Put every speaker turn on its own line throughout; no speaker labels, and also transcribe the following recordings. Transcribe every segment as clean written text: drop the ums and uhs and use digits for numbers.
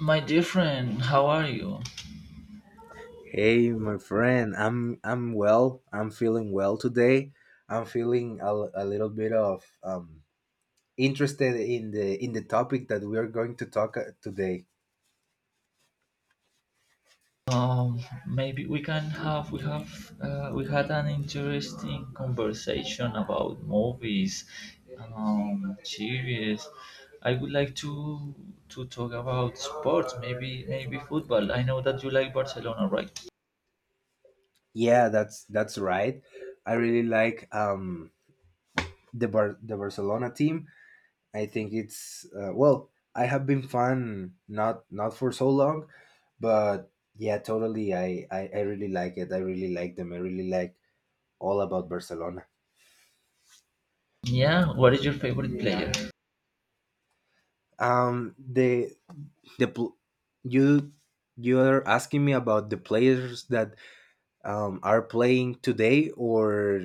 My dear friend, how are you?
Hey, my friend, I'm well. I'm feeling well today. I'm feeling a little bit of interested in the topic that we are going to talk today.
Um, maybe we can have we had an interesting conversation about movies, series. I would like to talk about sports, maybe football. I know that you like Barcelona, right?
Yeah, that's right. I really like the the Barcelona team. I think it's well, I have been fan not for so long, but yeah, totally. I really like it. I really like them. I really like all about Barcelona.
Yeah. What is your favorite player?
Um, the the pl- you you are asking me about the players that are playing today or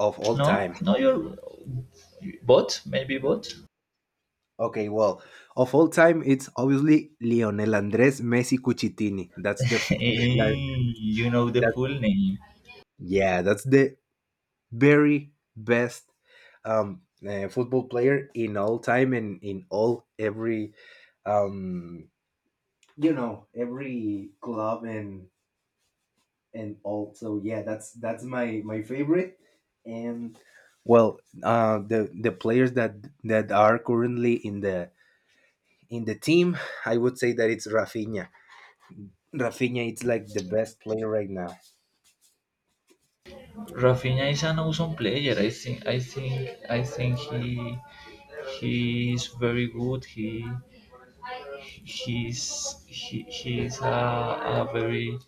of all
No,
time.
no, you're bot. Maybe bot.
Okay, well, of all time, it's obviously Lionel Andres Messi Cucitini. That's the f- like
You know the
that.
full name.
Yeah, that's the very best football player in all time and in all every um, every club and also, yeah, that's my favorite. And well, the players that are currently in the team, I would say that it's Rafinha. Rafinha, it's like the best player right now.
Rafinha is an awesome player. I think he is very good. He is a very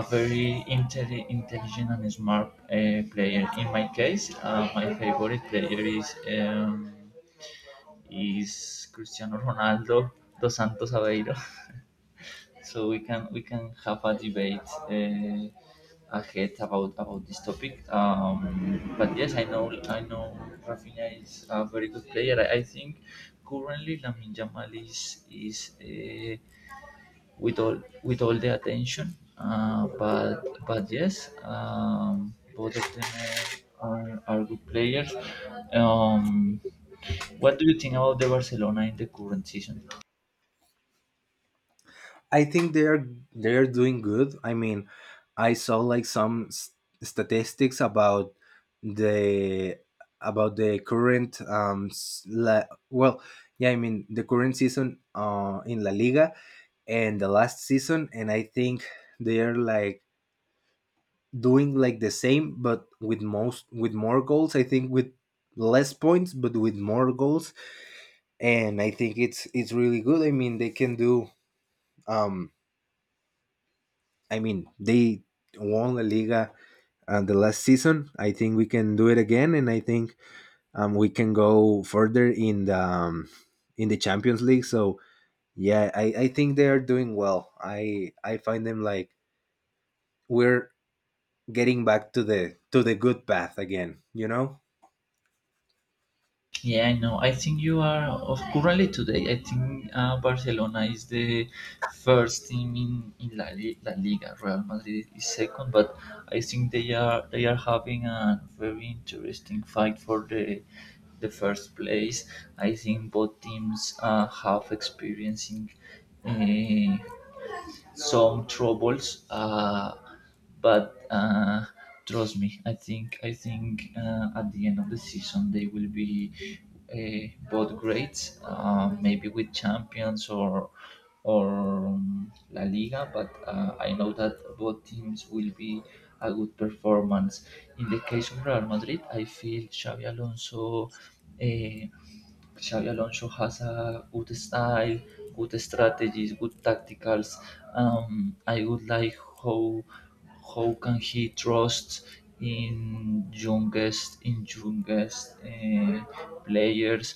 a very intelligent and smart player. In my case, my favorite player is Cristiano Ronaldo dos Santos Aveiro. So we can have a debate uh, ahead about this topic. But yes, I know Rafinha is a very good player. I think currently Lamin Jamal is with all the attention. But yes, both of them are good players. Um, what do you think about the Barcelona in the current season?
I think they are doing good. I mean, I saw like some statistics about the the current s- la, well yeah, I mean the current season in La Liga, and the last season, and I think they're like doing like the same but with most with more goals. I think with less points but with more goals. And I think it's really good. I mean, they can do um I mean they won La Liga the last season. I think we can do it again, and I think we can go further in the Champions League. So yeah, I think they are doing well. I find them like we're getting back to the good path again, you know.
Yeah, I know. I think you are of currently today. I think Barcelona is the first team in La Liga. Real Madrid is second, but I think they are having a very interesting fight for the first place. I think both teams have experiencing uh, some troubles, but trust me, I think at the end of the season, they will be, both great, maybe with champions or La Liga, but I know that both teams will be a good performance. In the case of Real Madrid, I feel Xavi Alonso, uh, Xabi Alonso has a good style, good strategies, good tacticals. I would like, how can he trust in youngest, players.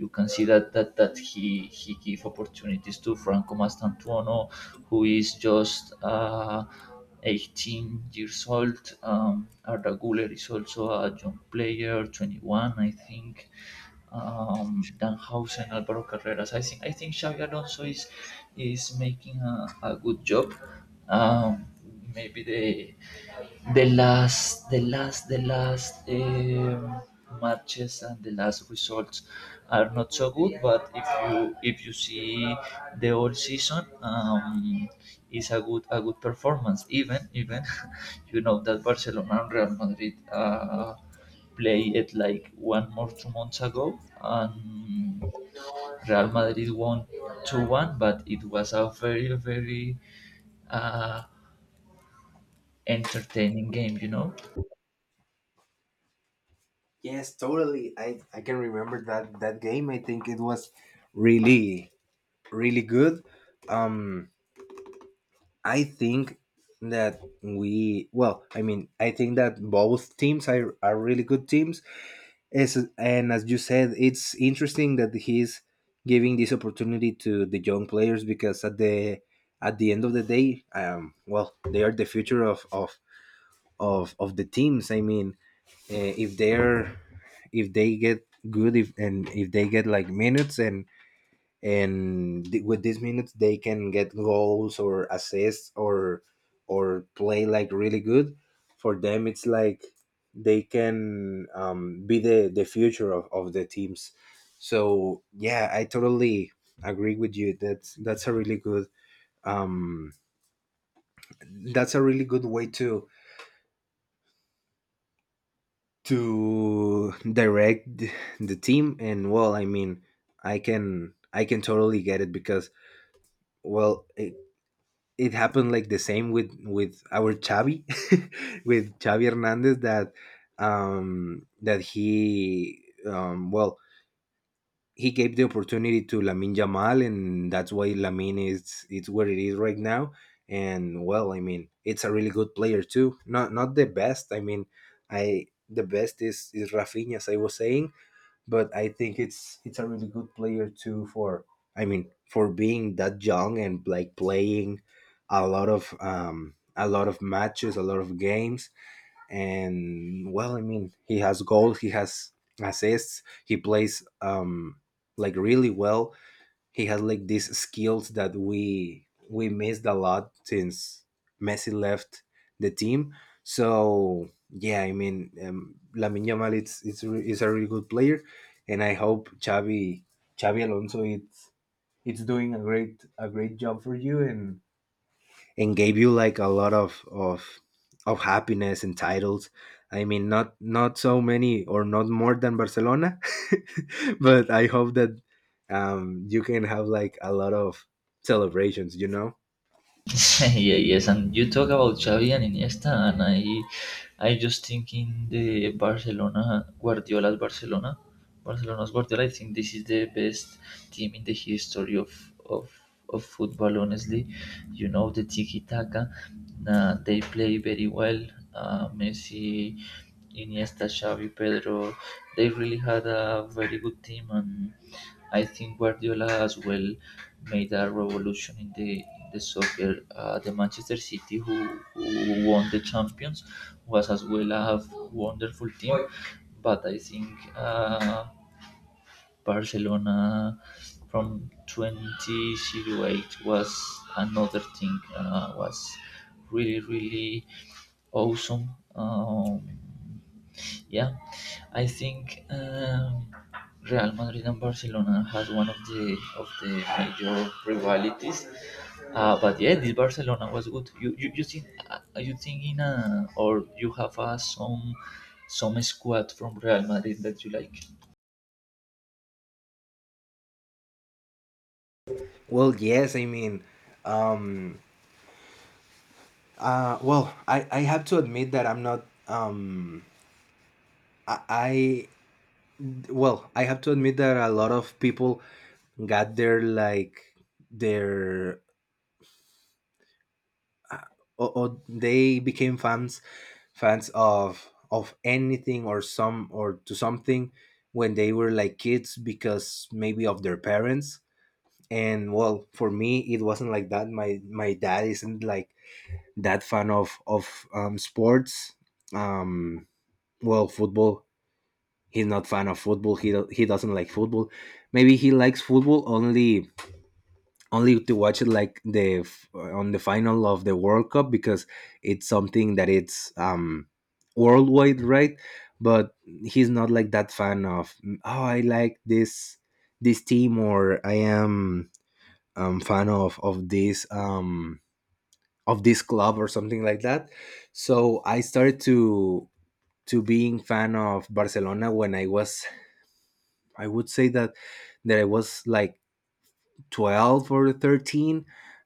You can see that that he give opportunities to Franco Mastantuono, who is just, 18 years old. Arda Guler is also a young player, 21, I think. Danhausen, Alvaro Carreras. I think Xavi Alonso is making a good job. Um, Maybe they, the last matches and the last results are not so good, but if you see the whole season, is a good performance, even you know that Barcelona and Real Madrid, play it like one more 2 months ago, and Real Madrid won 2-1, but it was a very very uh entertaining game, you know.
Yes, totally. I can remember that game. I think it was really really good. um i think I mean, I think that both teams are really good teams. And as you said, it's interesting that he's giving this opportunity to the young players, because at the end of the day, well, they are the future of of the teams. I mean, if they're, if they get good, if and if they get like minutes, and with these minutes they can get goals or assists, or play like really good. For them it's like they can be the future of the teams. So yeah, I totally agree with you. That's a really good um way to to direct th- the team. And well, I mean, I can totally get it, because well it, it happened like the same with our Xavi with Xavi Hernandez, that um that he um well he gave the opportunity to Lamin Jamal, and that's why Lamin is, it's where it is right now. And well, I mean, it's a really good player too. Not the best, I mean, I the best is Rafinha, as I was saying. But I think it's a really good player too. For, I mean, for being that young and like playing a lot of matches, a lot of games. And well, I mean, he has goals, he has assists, he plays like really well. He has like these skills that we missed a lot since Messi left the team. So yeah, I mean, Lamine Yamal, is a really good player. And I hope Xavi, Xavi Alonso it's doing a great job for you, and gave you like a lot of happiness and titles. I mean, not so many, or not more than Barcelona, but I hope that you can have like a lot of celebrations. You know.
Yeah, yes, and you talk about Xavi and Iniesta, and I just thinking the Barcelona, Guardiola's Barcelona, Barcelona's Guardiola. I think this is the best team in the history of, of football. Honestly, you know the tiki taka, they play very well. Messi, Iniesta, Xavi, Pedro, they really had a very good team, and I think Guardiola as well made a revolution in the soccer. The Manchester City, who won the champions, was as well a wonderful team, but I think, uh, Barcelona from 2008 was another thing. Was really really awesome. Um, yeah, I think. Real Madrid and Barcelona has one of the major rivalities, but yeah, this Barcelona was good. You think, you think in a, or you have, some squad from Real Madrid that you like?
Well, yes. I mean, um, I have to admit that I'm not. I, I I have to admit that a lot of people got their like their, or they became fans of anything, or some, or to something, when they were like kids because maybe of their parents. And well, for me it wasn't like that. My dad isn't like that fan of sports, um football. He's not fan of football. He doesn't like football. Maybe he likes football only to watch it like on the final of the World Cup, because it's something that it's worldwide, right? But he's not like that fan of, oh, I like this team, or I am fan of this of this club, or something like that. So I started to being fan of Barcelona when I was, I would say that I was like 12 or 13.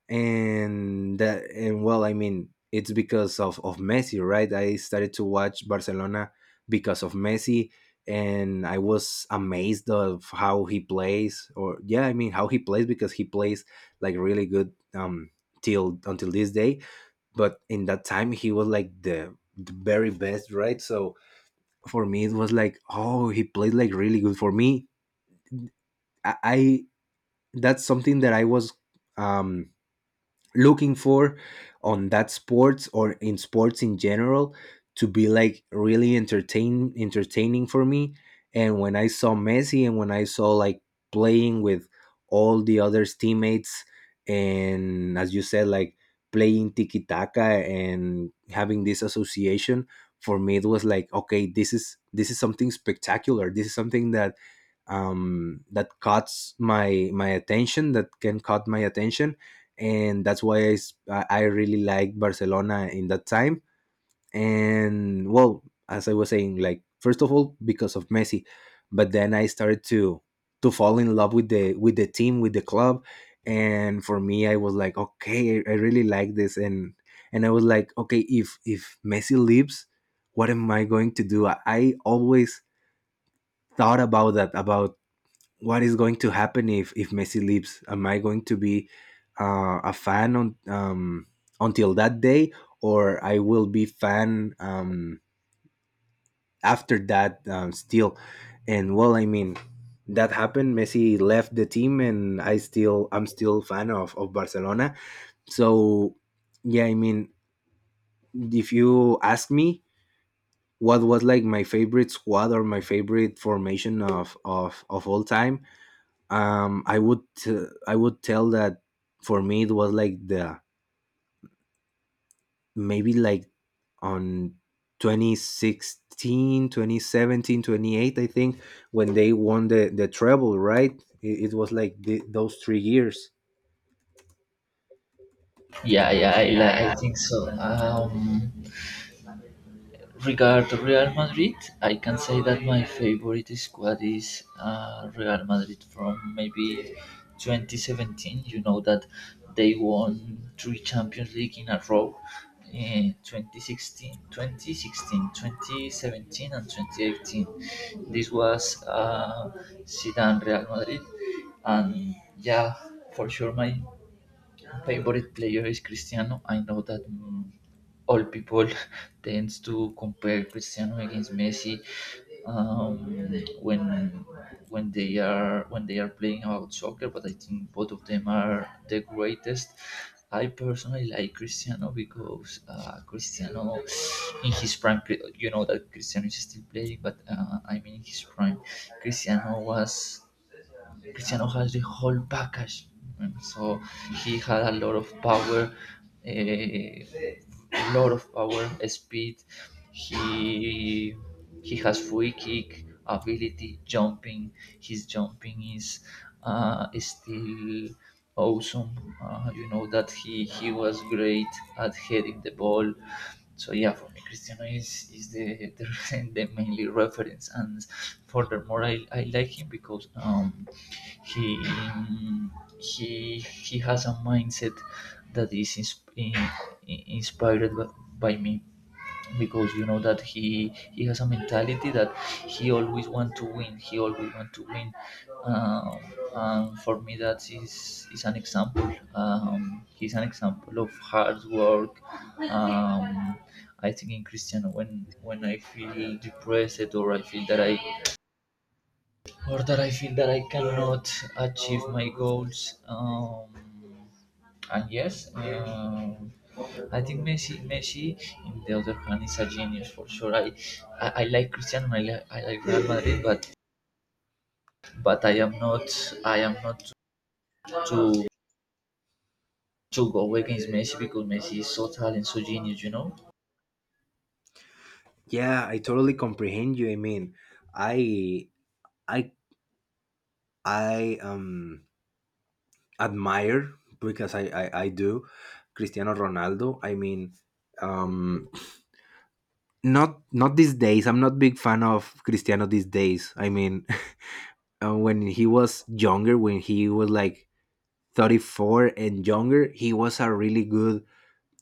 And that and well I mean, it's because of Messi, right? I started to watch Barcelona because of Messi, and I was amazed of how he plays, or, yeah, I mean, how he plays, because he plays like really good. Till until this day. But in that time he was like the very best, right? So for me it was like, oh, he played like really good. For me, I, that's something that I was um looking for on that sports, or in sports in general, to be like really entertaining for me. And when I saw Messi, and when I saw like playing with all the other teammates, and as you said, like playing tiki taka and having this association, for me it was like, okay, this is something spectacular. This is something that cuts my attention, that can cut my attention. And that's why I really like Barcelona in that time. And well, as I was saying, like, first of all because of Messi. But then I started to fall in love with the team, with the club. And for me I was like, okay, I really like this. And I was like, okay, if Messi leaves, what am I going to do? I always thought about that, about what is going to happen if Messi leaves. Am I going to be a fan on until that day, or I will be fan after that, still? And well, I mean, that happened. Messi left the team, and I'm still fan of Barcelona. So yeah, I mean, if you ask me what was like my favorite squad or my favorite formation of all time, I would tell that for me it was like the, maybe like on 2016, 2017, 28. I think when they won the treble, right? It was like those 3 years.
Yeah, yeah, I,
Yeah,
li-
yeah,
I think so. Regard Real Madrid, I can say that my favorite squad is, Real Madrid from maybe 2017. You know that they won three Champions League in a row. In 2016, 2017, and 2018. This was, Zidane Real Madrid, and yeah, for sure, my favorite player is Cristiano. I know that, all people tends to compare Cristiano against Messi, um, when when they are playing about soccer, but I think both of them are the greatest. I personally like Cristiano because, Cristiano in his prime, you know that Cristiano is still playing, but, I mean, in his prime, Cristiano was Cristiano has the whole package. So he had a lot of power, uh, a speed. He he has free kick ability, jumping. His jumping is, still awesome. You know that he was great at heading the ball. So yeah, for me, Cristiano is the, the mainly reference, and furthermore, I like him because, he he has a mindset that is, inspired, by me, because you know that he has a mentality that he always want to win. He always want to win. Um, and for me, that is an example. He's an example of hard work. Um, I think in Christian, when I feel depressed, or I feel that I or that I feel that I cannot achieve my goals. And yes, I think Messi, in the other hand, is a genius for sure. I, like Cristiano, I like Real Madrid, but I am not, I am not to to go against Messi, because Messi is so talented, so genius, you know.
yeah, I totally comprehend you. I mean, i i I admire, because I do, Cristiano Ronaldo. I mean, um not these days. I'm not big fan of Cristiano these days, I mean. When he was younger, when he was like 34 and younger, he was a really good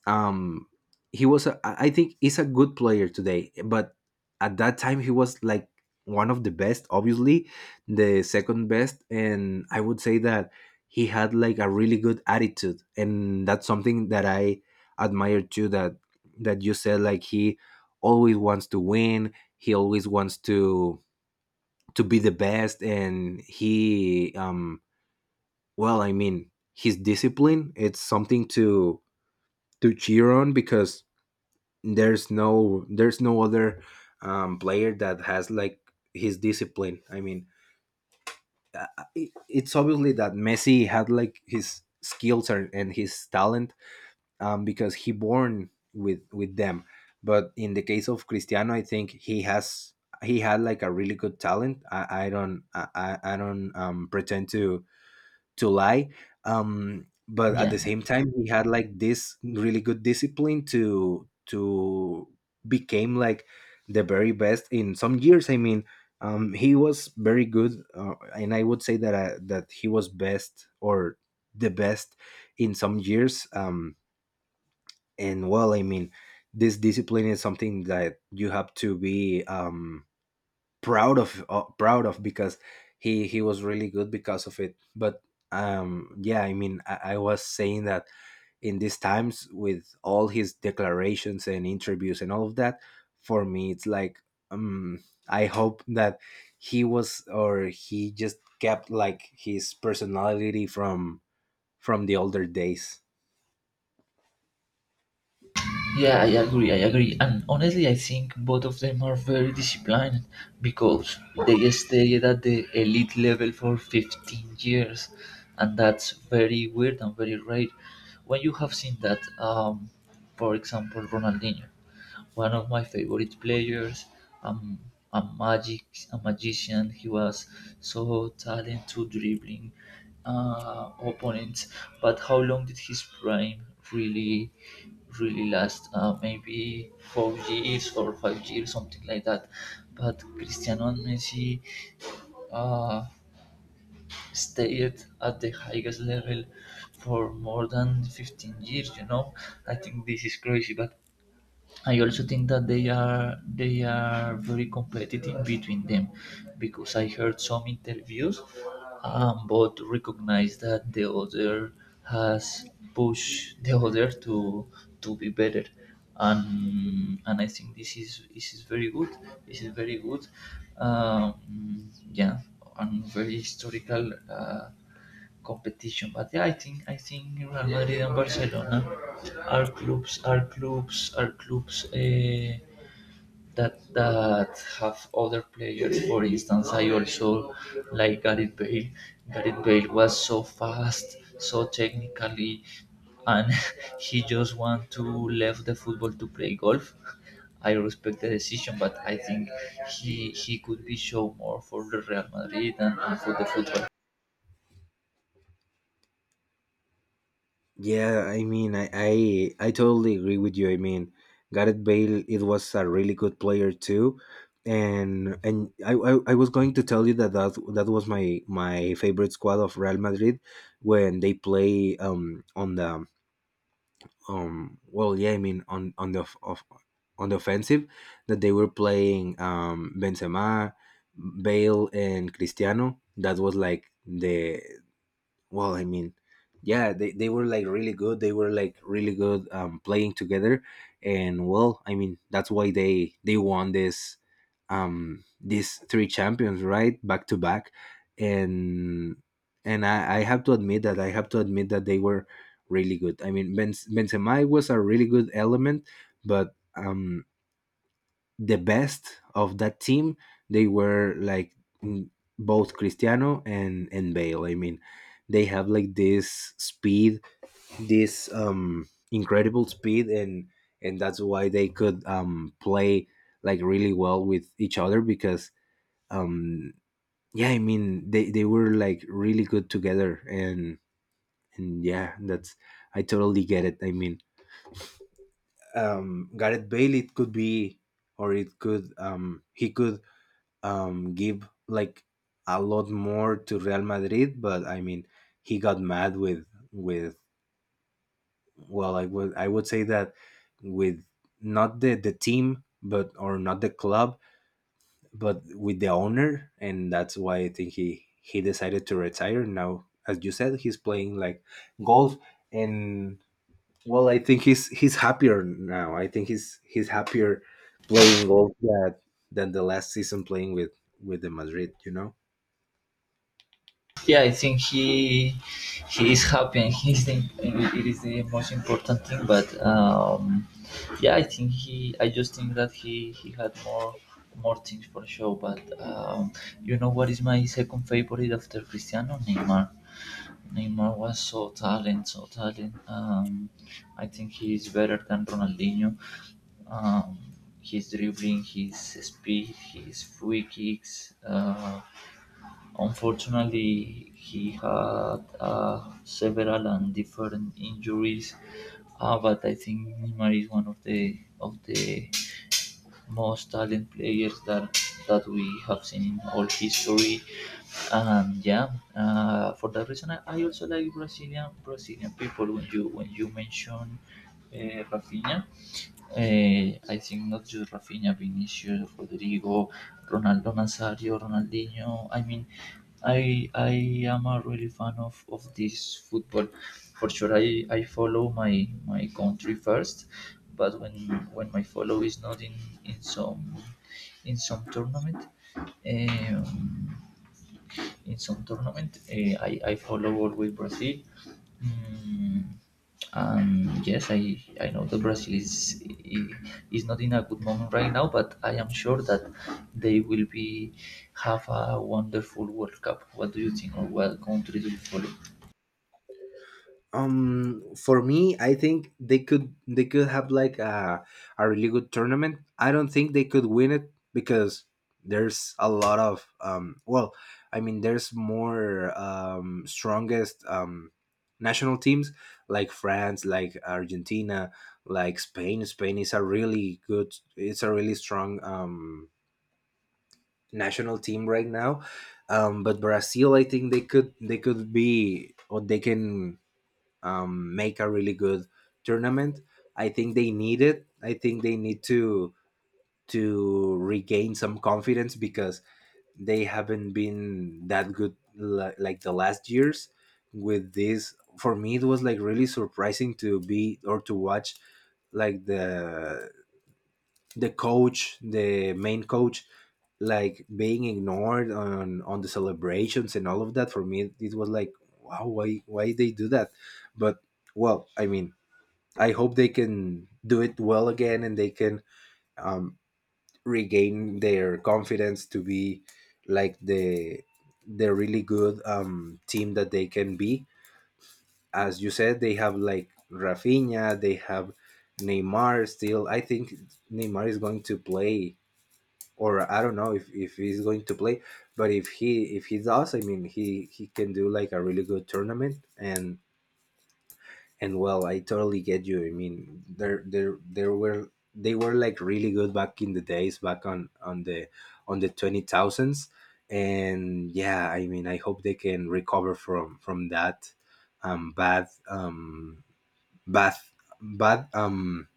um he was a, I think he's a good player today, but at that time he was like one of the best, obviously the second best. And I would say that he had like a really good attitude, and that's something that I admire too. That you said, like, he always wants to win. He always wants to be the best. And he, I mean, his discipline, it's something to cheer on, because there's no, there's no other player that has like his discipline. I mean, uh, it's obviously that Messi had like his skills and his talent, because he born with them. But in the case of Cristiano, I think he had like a really good talent. I don't pretend to lie, but at
Yeah.
the same time he had like this really good discipline to became like the very best in some years. He was very good, and I would say that that he was best, or the best, in some years. And well, I mean, this discipline is something that you have to be, proud of, because he was really good because of it. But yeah, I mean, I was saying that in these times, with all his declarations and interviews and all of that, for me it's like, um I hope that he was, or he just kept like his personality from the older days.
Yeah, I agree. And honestly, I think both of them are very disciplined because they stayed at the elite level for 15 years. And that's very weird and very rare. When you have seen that, for example, Ronaldinho, one of my favorite players. Um, a magic, a magician. He was so talented dribbling, opponents. But how long did his prime really, really last? Maybe 4 years or 5 years, something like that. But Cristiano and Messi, uh, stayed at the highest level for more than 15 years. You know, I think this is crazy. But I also think that they are very competitive between them, because I heard some interviews, both recognize that the other has pushed the other to be better. And I think this is very good, this is very good um, yeah, and very historical, competition. But yeah, I think Real Madrid and Barcelona are clubs, that have other players. For instance, I also like Gareth Bale. Gareth Bale was so fast, so technically, and he just want to leave the football to play golf. I respect the decision, but I think he could be shown more for the Real Madrid, and for the football.
Yeah, I mean, I totally agree with you. I mean, Gareth Bale, it was a really good player too, and I was going to tell you that, that was my favorite squad of Real Madrid, when they play, on the, well, yeah, I mean, on the of, on the offensive, that they were playing, Benzema, Bale, and Cristiano. That was like the, well, I mean, yeah, they were like really good, they were like really good, playing together, and well, I mean, that's why they won this, these three champions right, back to back. And and I have to admit that I have to admit that they were really good. I mean, Benzema was a really good element, but the best of that team, they were like, mm, both Cristiano and Bale. I mean, they have like this speed, this incredible speed, and that's why they could, play like really well with each other, because um yeah, I mean, they were like really good together, and yeah, that's, I totally get it. I mean, Gareth Bale, it could be, or it could, he could, give like a lot more to Real Madrid, but I mean, he got mad with with well, I would say that with, not the team, but or not the club, but with the owner, and that's why I think he decided to retire. Now, as you said, he's playing like golf, and well, I think he's happier now. I think he's happier playing golf that than the last season playing with the Madrid.
Yeah, I think he is happy, and it is the most important thing. But yeah, I think he I just think that he had more things for show. But you know what is my second favorite after Cristiano? Neymar. Neymar was so talented, so talented. I think he is better than Ronaldinho. Um, his dribbling, his speed, his free kicks. Unfortunately, he had, several and different injuries, but I think Neymar is one of the most talented players that we have seen in all history. And yeah, for that reason, I also like Brazilian people. When you mention, Rafinha, I think not just Rafinha, Vinicius, Rodrigo, Ronaldo Nazario, Ronaldinho. I mean, I am a really fan of this football. For sure, I follow my country first. But when my follow is not in some, tournament, um, I follow always Brazil. mm, and yes, I know that Brazil, is not in a good moment right now, but I am sure that they will be have a wonderful World Cup. What do you think, or what country do you follow?
For me, I think they could have like a, really good tournament. I don't think they could win it, because there's a lot of, well, I mean, there's more strongest, national teams, like France, like Argentina, like Spain. Spain is a really good, it's a really strong, national team right now. But Brazil, I think they could be, or they can, make a really good tournament. I think they need it. I think they need to regain some confidence, because they haven't been that good, like the last years. With this, for me, it was like really surprising to be, or to watch, like the, coach, the main coach, like being ignored on the celebrations and all of that. For me, it was like, wow, why they do that. But well, I mean, I hope they can do it well again, and they can, um, regain their confidence to be like the, really good, team that they can be. As you said, they have like Rafinha, they have Neymar still. I think Neymar is going to play, or I don't know if he's going to play, but if he does, I mean he can do like a really good tournament. And well, I totally get you. I mean, there were, they were like really good back in the days, back on the twenty thousands. And yeah, I mean, I hope they can recover from that, bad, bad bad,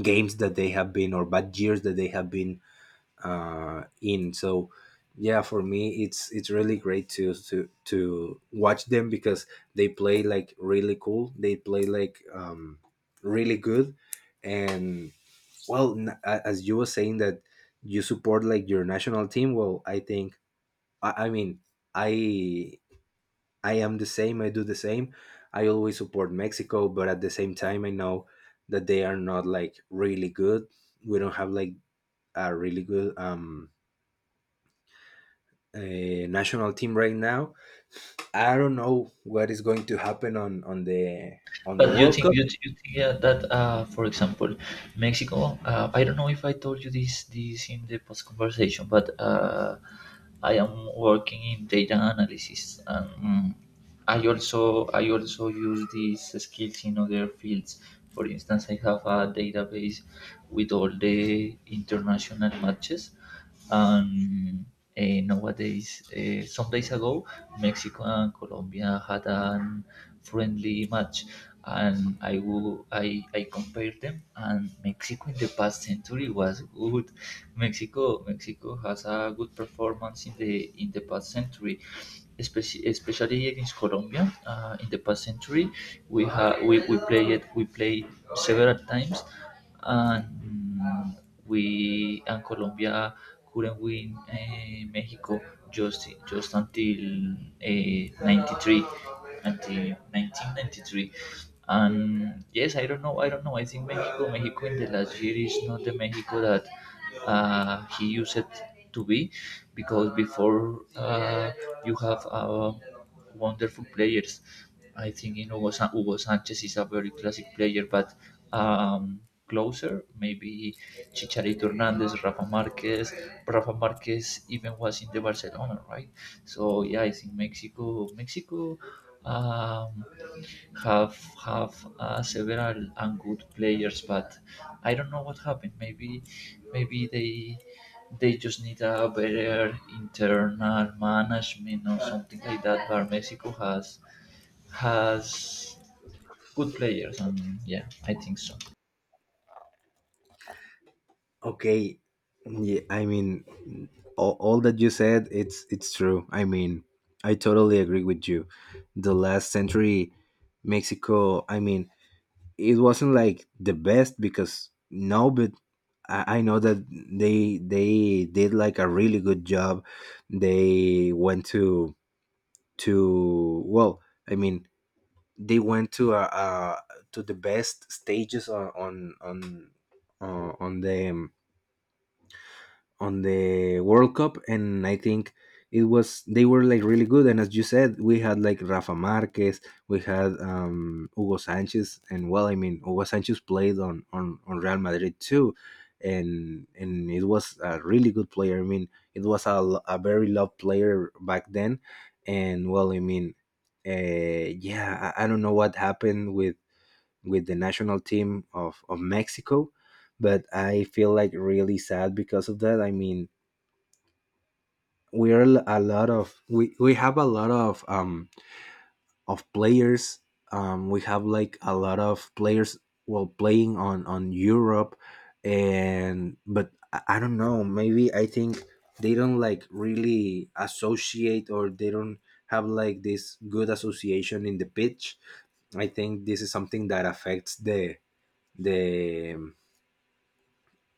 games that they have been, or bad years that they have been, in. So yeah, for me, it's really great to watch them, because they play like really cool. They play like, really good, and well, as you were saying that you support like your national team. Well, I think, I mean, I I am the same. I do the same. I always support Mexico, but at the same time, I know that they are not like really good. We don't have like a really good, uh, national team right now. I don't know what is going to happen on on the
But you
World
think,
Cup.
you think, yeah, that, for example, Mexico. I don't know if I told you this in the post conversation, but, I am working in data analysis. And, I also use these skills in other fields. For instance, I have a database with all the international matches. And, nowadays, some days ago, Mexico and Colombia had a friendly match, and I wo- I compared them. And Mexico in the past century was good. Mexico has a good performance in the past century, especially, against Colombia, in the past century. We ha- we played We played several times. And, mm, we and Colombia couldn't win, Mexico, just until, 93, until 1993. And yes, I don't know. I think Mexico in the last year is not the Mexico that, he used it to be. Because before, you have, wonderful players. I think in, Hugo Sanchez is a very classic player, but, um, closer maybe, Chicharito Hernandez, Rafa Marquez. Rafa Marquez even was in the Barcelona, right? So yeah, I think Mexico, Um, have have several and good players, but I don't know what happened. Maybe they just need a better internal management or something like that. But Mexico has good players, and yeah, I think so.
Okay, yeah, I mean, all that you said, it's true. I mean, I totally agree with you. The last century, Mexico, I mean, it wasn't like the best, because no, but I know that they did like a really good job. They went to, well, I mean, they went to, to the best stages on, on the, on the World Cup, and I think it was, they were like really good. And as you said, we had like Rafa Marquez, we had, Hugo Sanchez, and well, I mean, Hugo Sanchez played on on Real Madrid too. And it was a really good player. I mean, it was a, a very loved player back then. And well, I mean, uh, yeah, I don't know what happened with the national team of, Mexico. But I feel like really sad because of that. I mean, we have a lot of, of players. We have like a lot of players while playing on Europe, and but I don't know. Maybe I think they don't like really associate, or they don't have like this good association in the pitch. I think this is something that affects the, the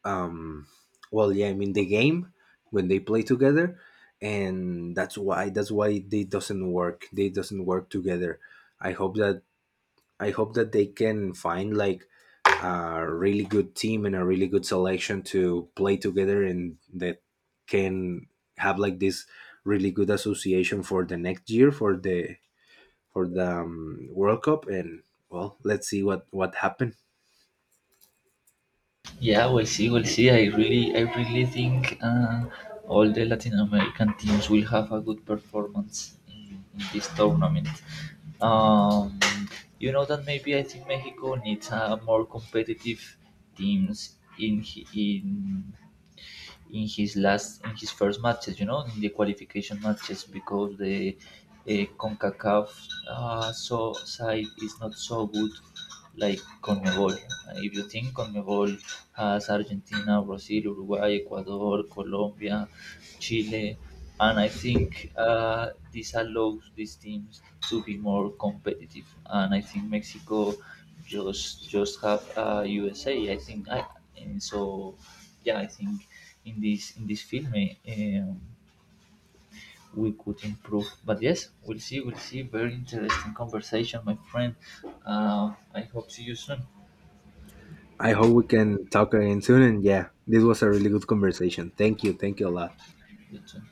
um well, yeah, I mean, the game when they play together, and that's why they doesn't work together. i hope that I hope that they can find like a really good team and a really good selection to play together, and that can have like this really good association for the next year, for the, World Cup. And well, let's see what happens.
Yeah, we'll see, we'll see. I really think, all the Latin American teams will have a good performance in this tournament. Um, you know that maybe I think Mexico needs a more competitive teams, in hi- in his last in his first matches. You know, in the qualification matches, because the, uh, Concacaf, so side is not so good, like CONMEBOL. If you think CONMEBOL has Argentina, Brazil, Uruguay, Ecuador, Colombia, Chile, and I think, this allows these teams to be more competitive. And I think Mexico, just have, USA. I think I, and so yeah. I think in this film, um, we could improve. But yes, we'll see. We'll see. Very interesting conversation, my friend. I hope see you soon.
I hope we can talk again soon. And yeah, this was a really good conversation. Thank you. Thank you a lot.
Good job.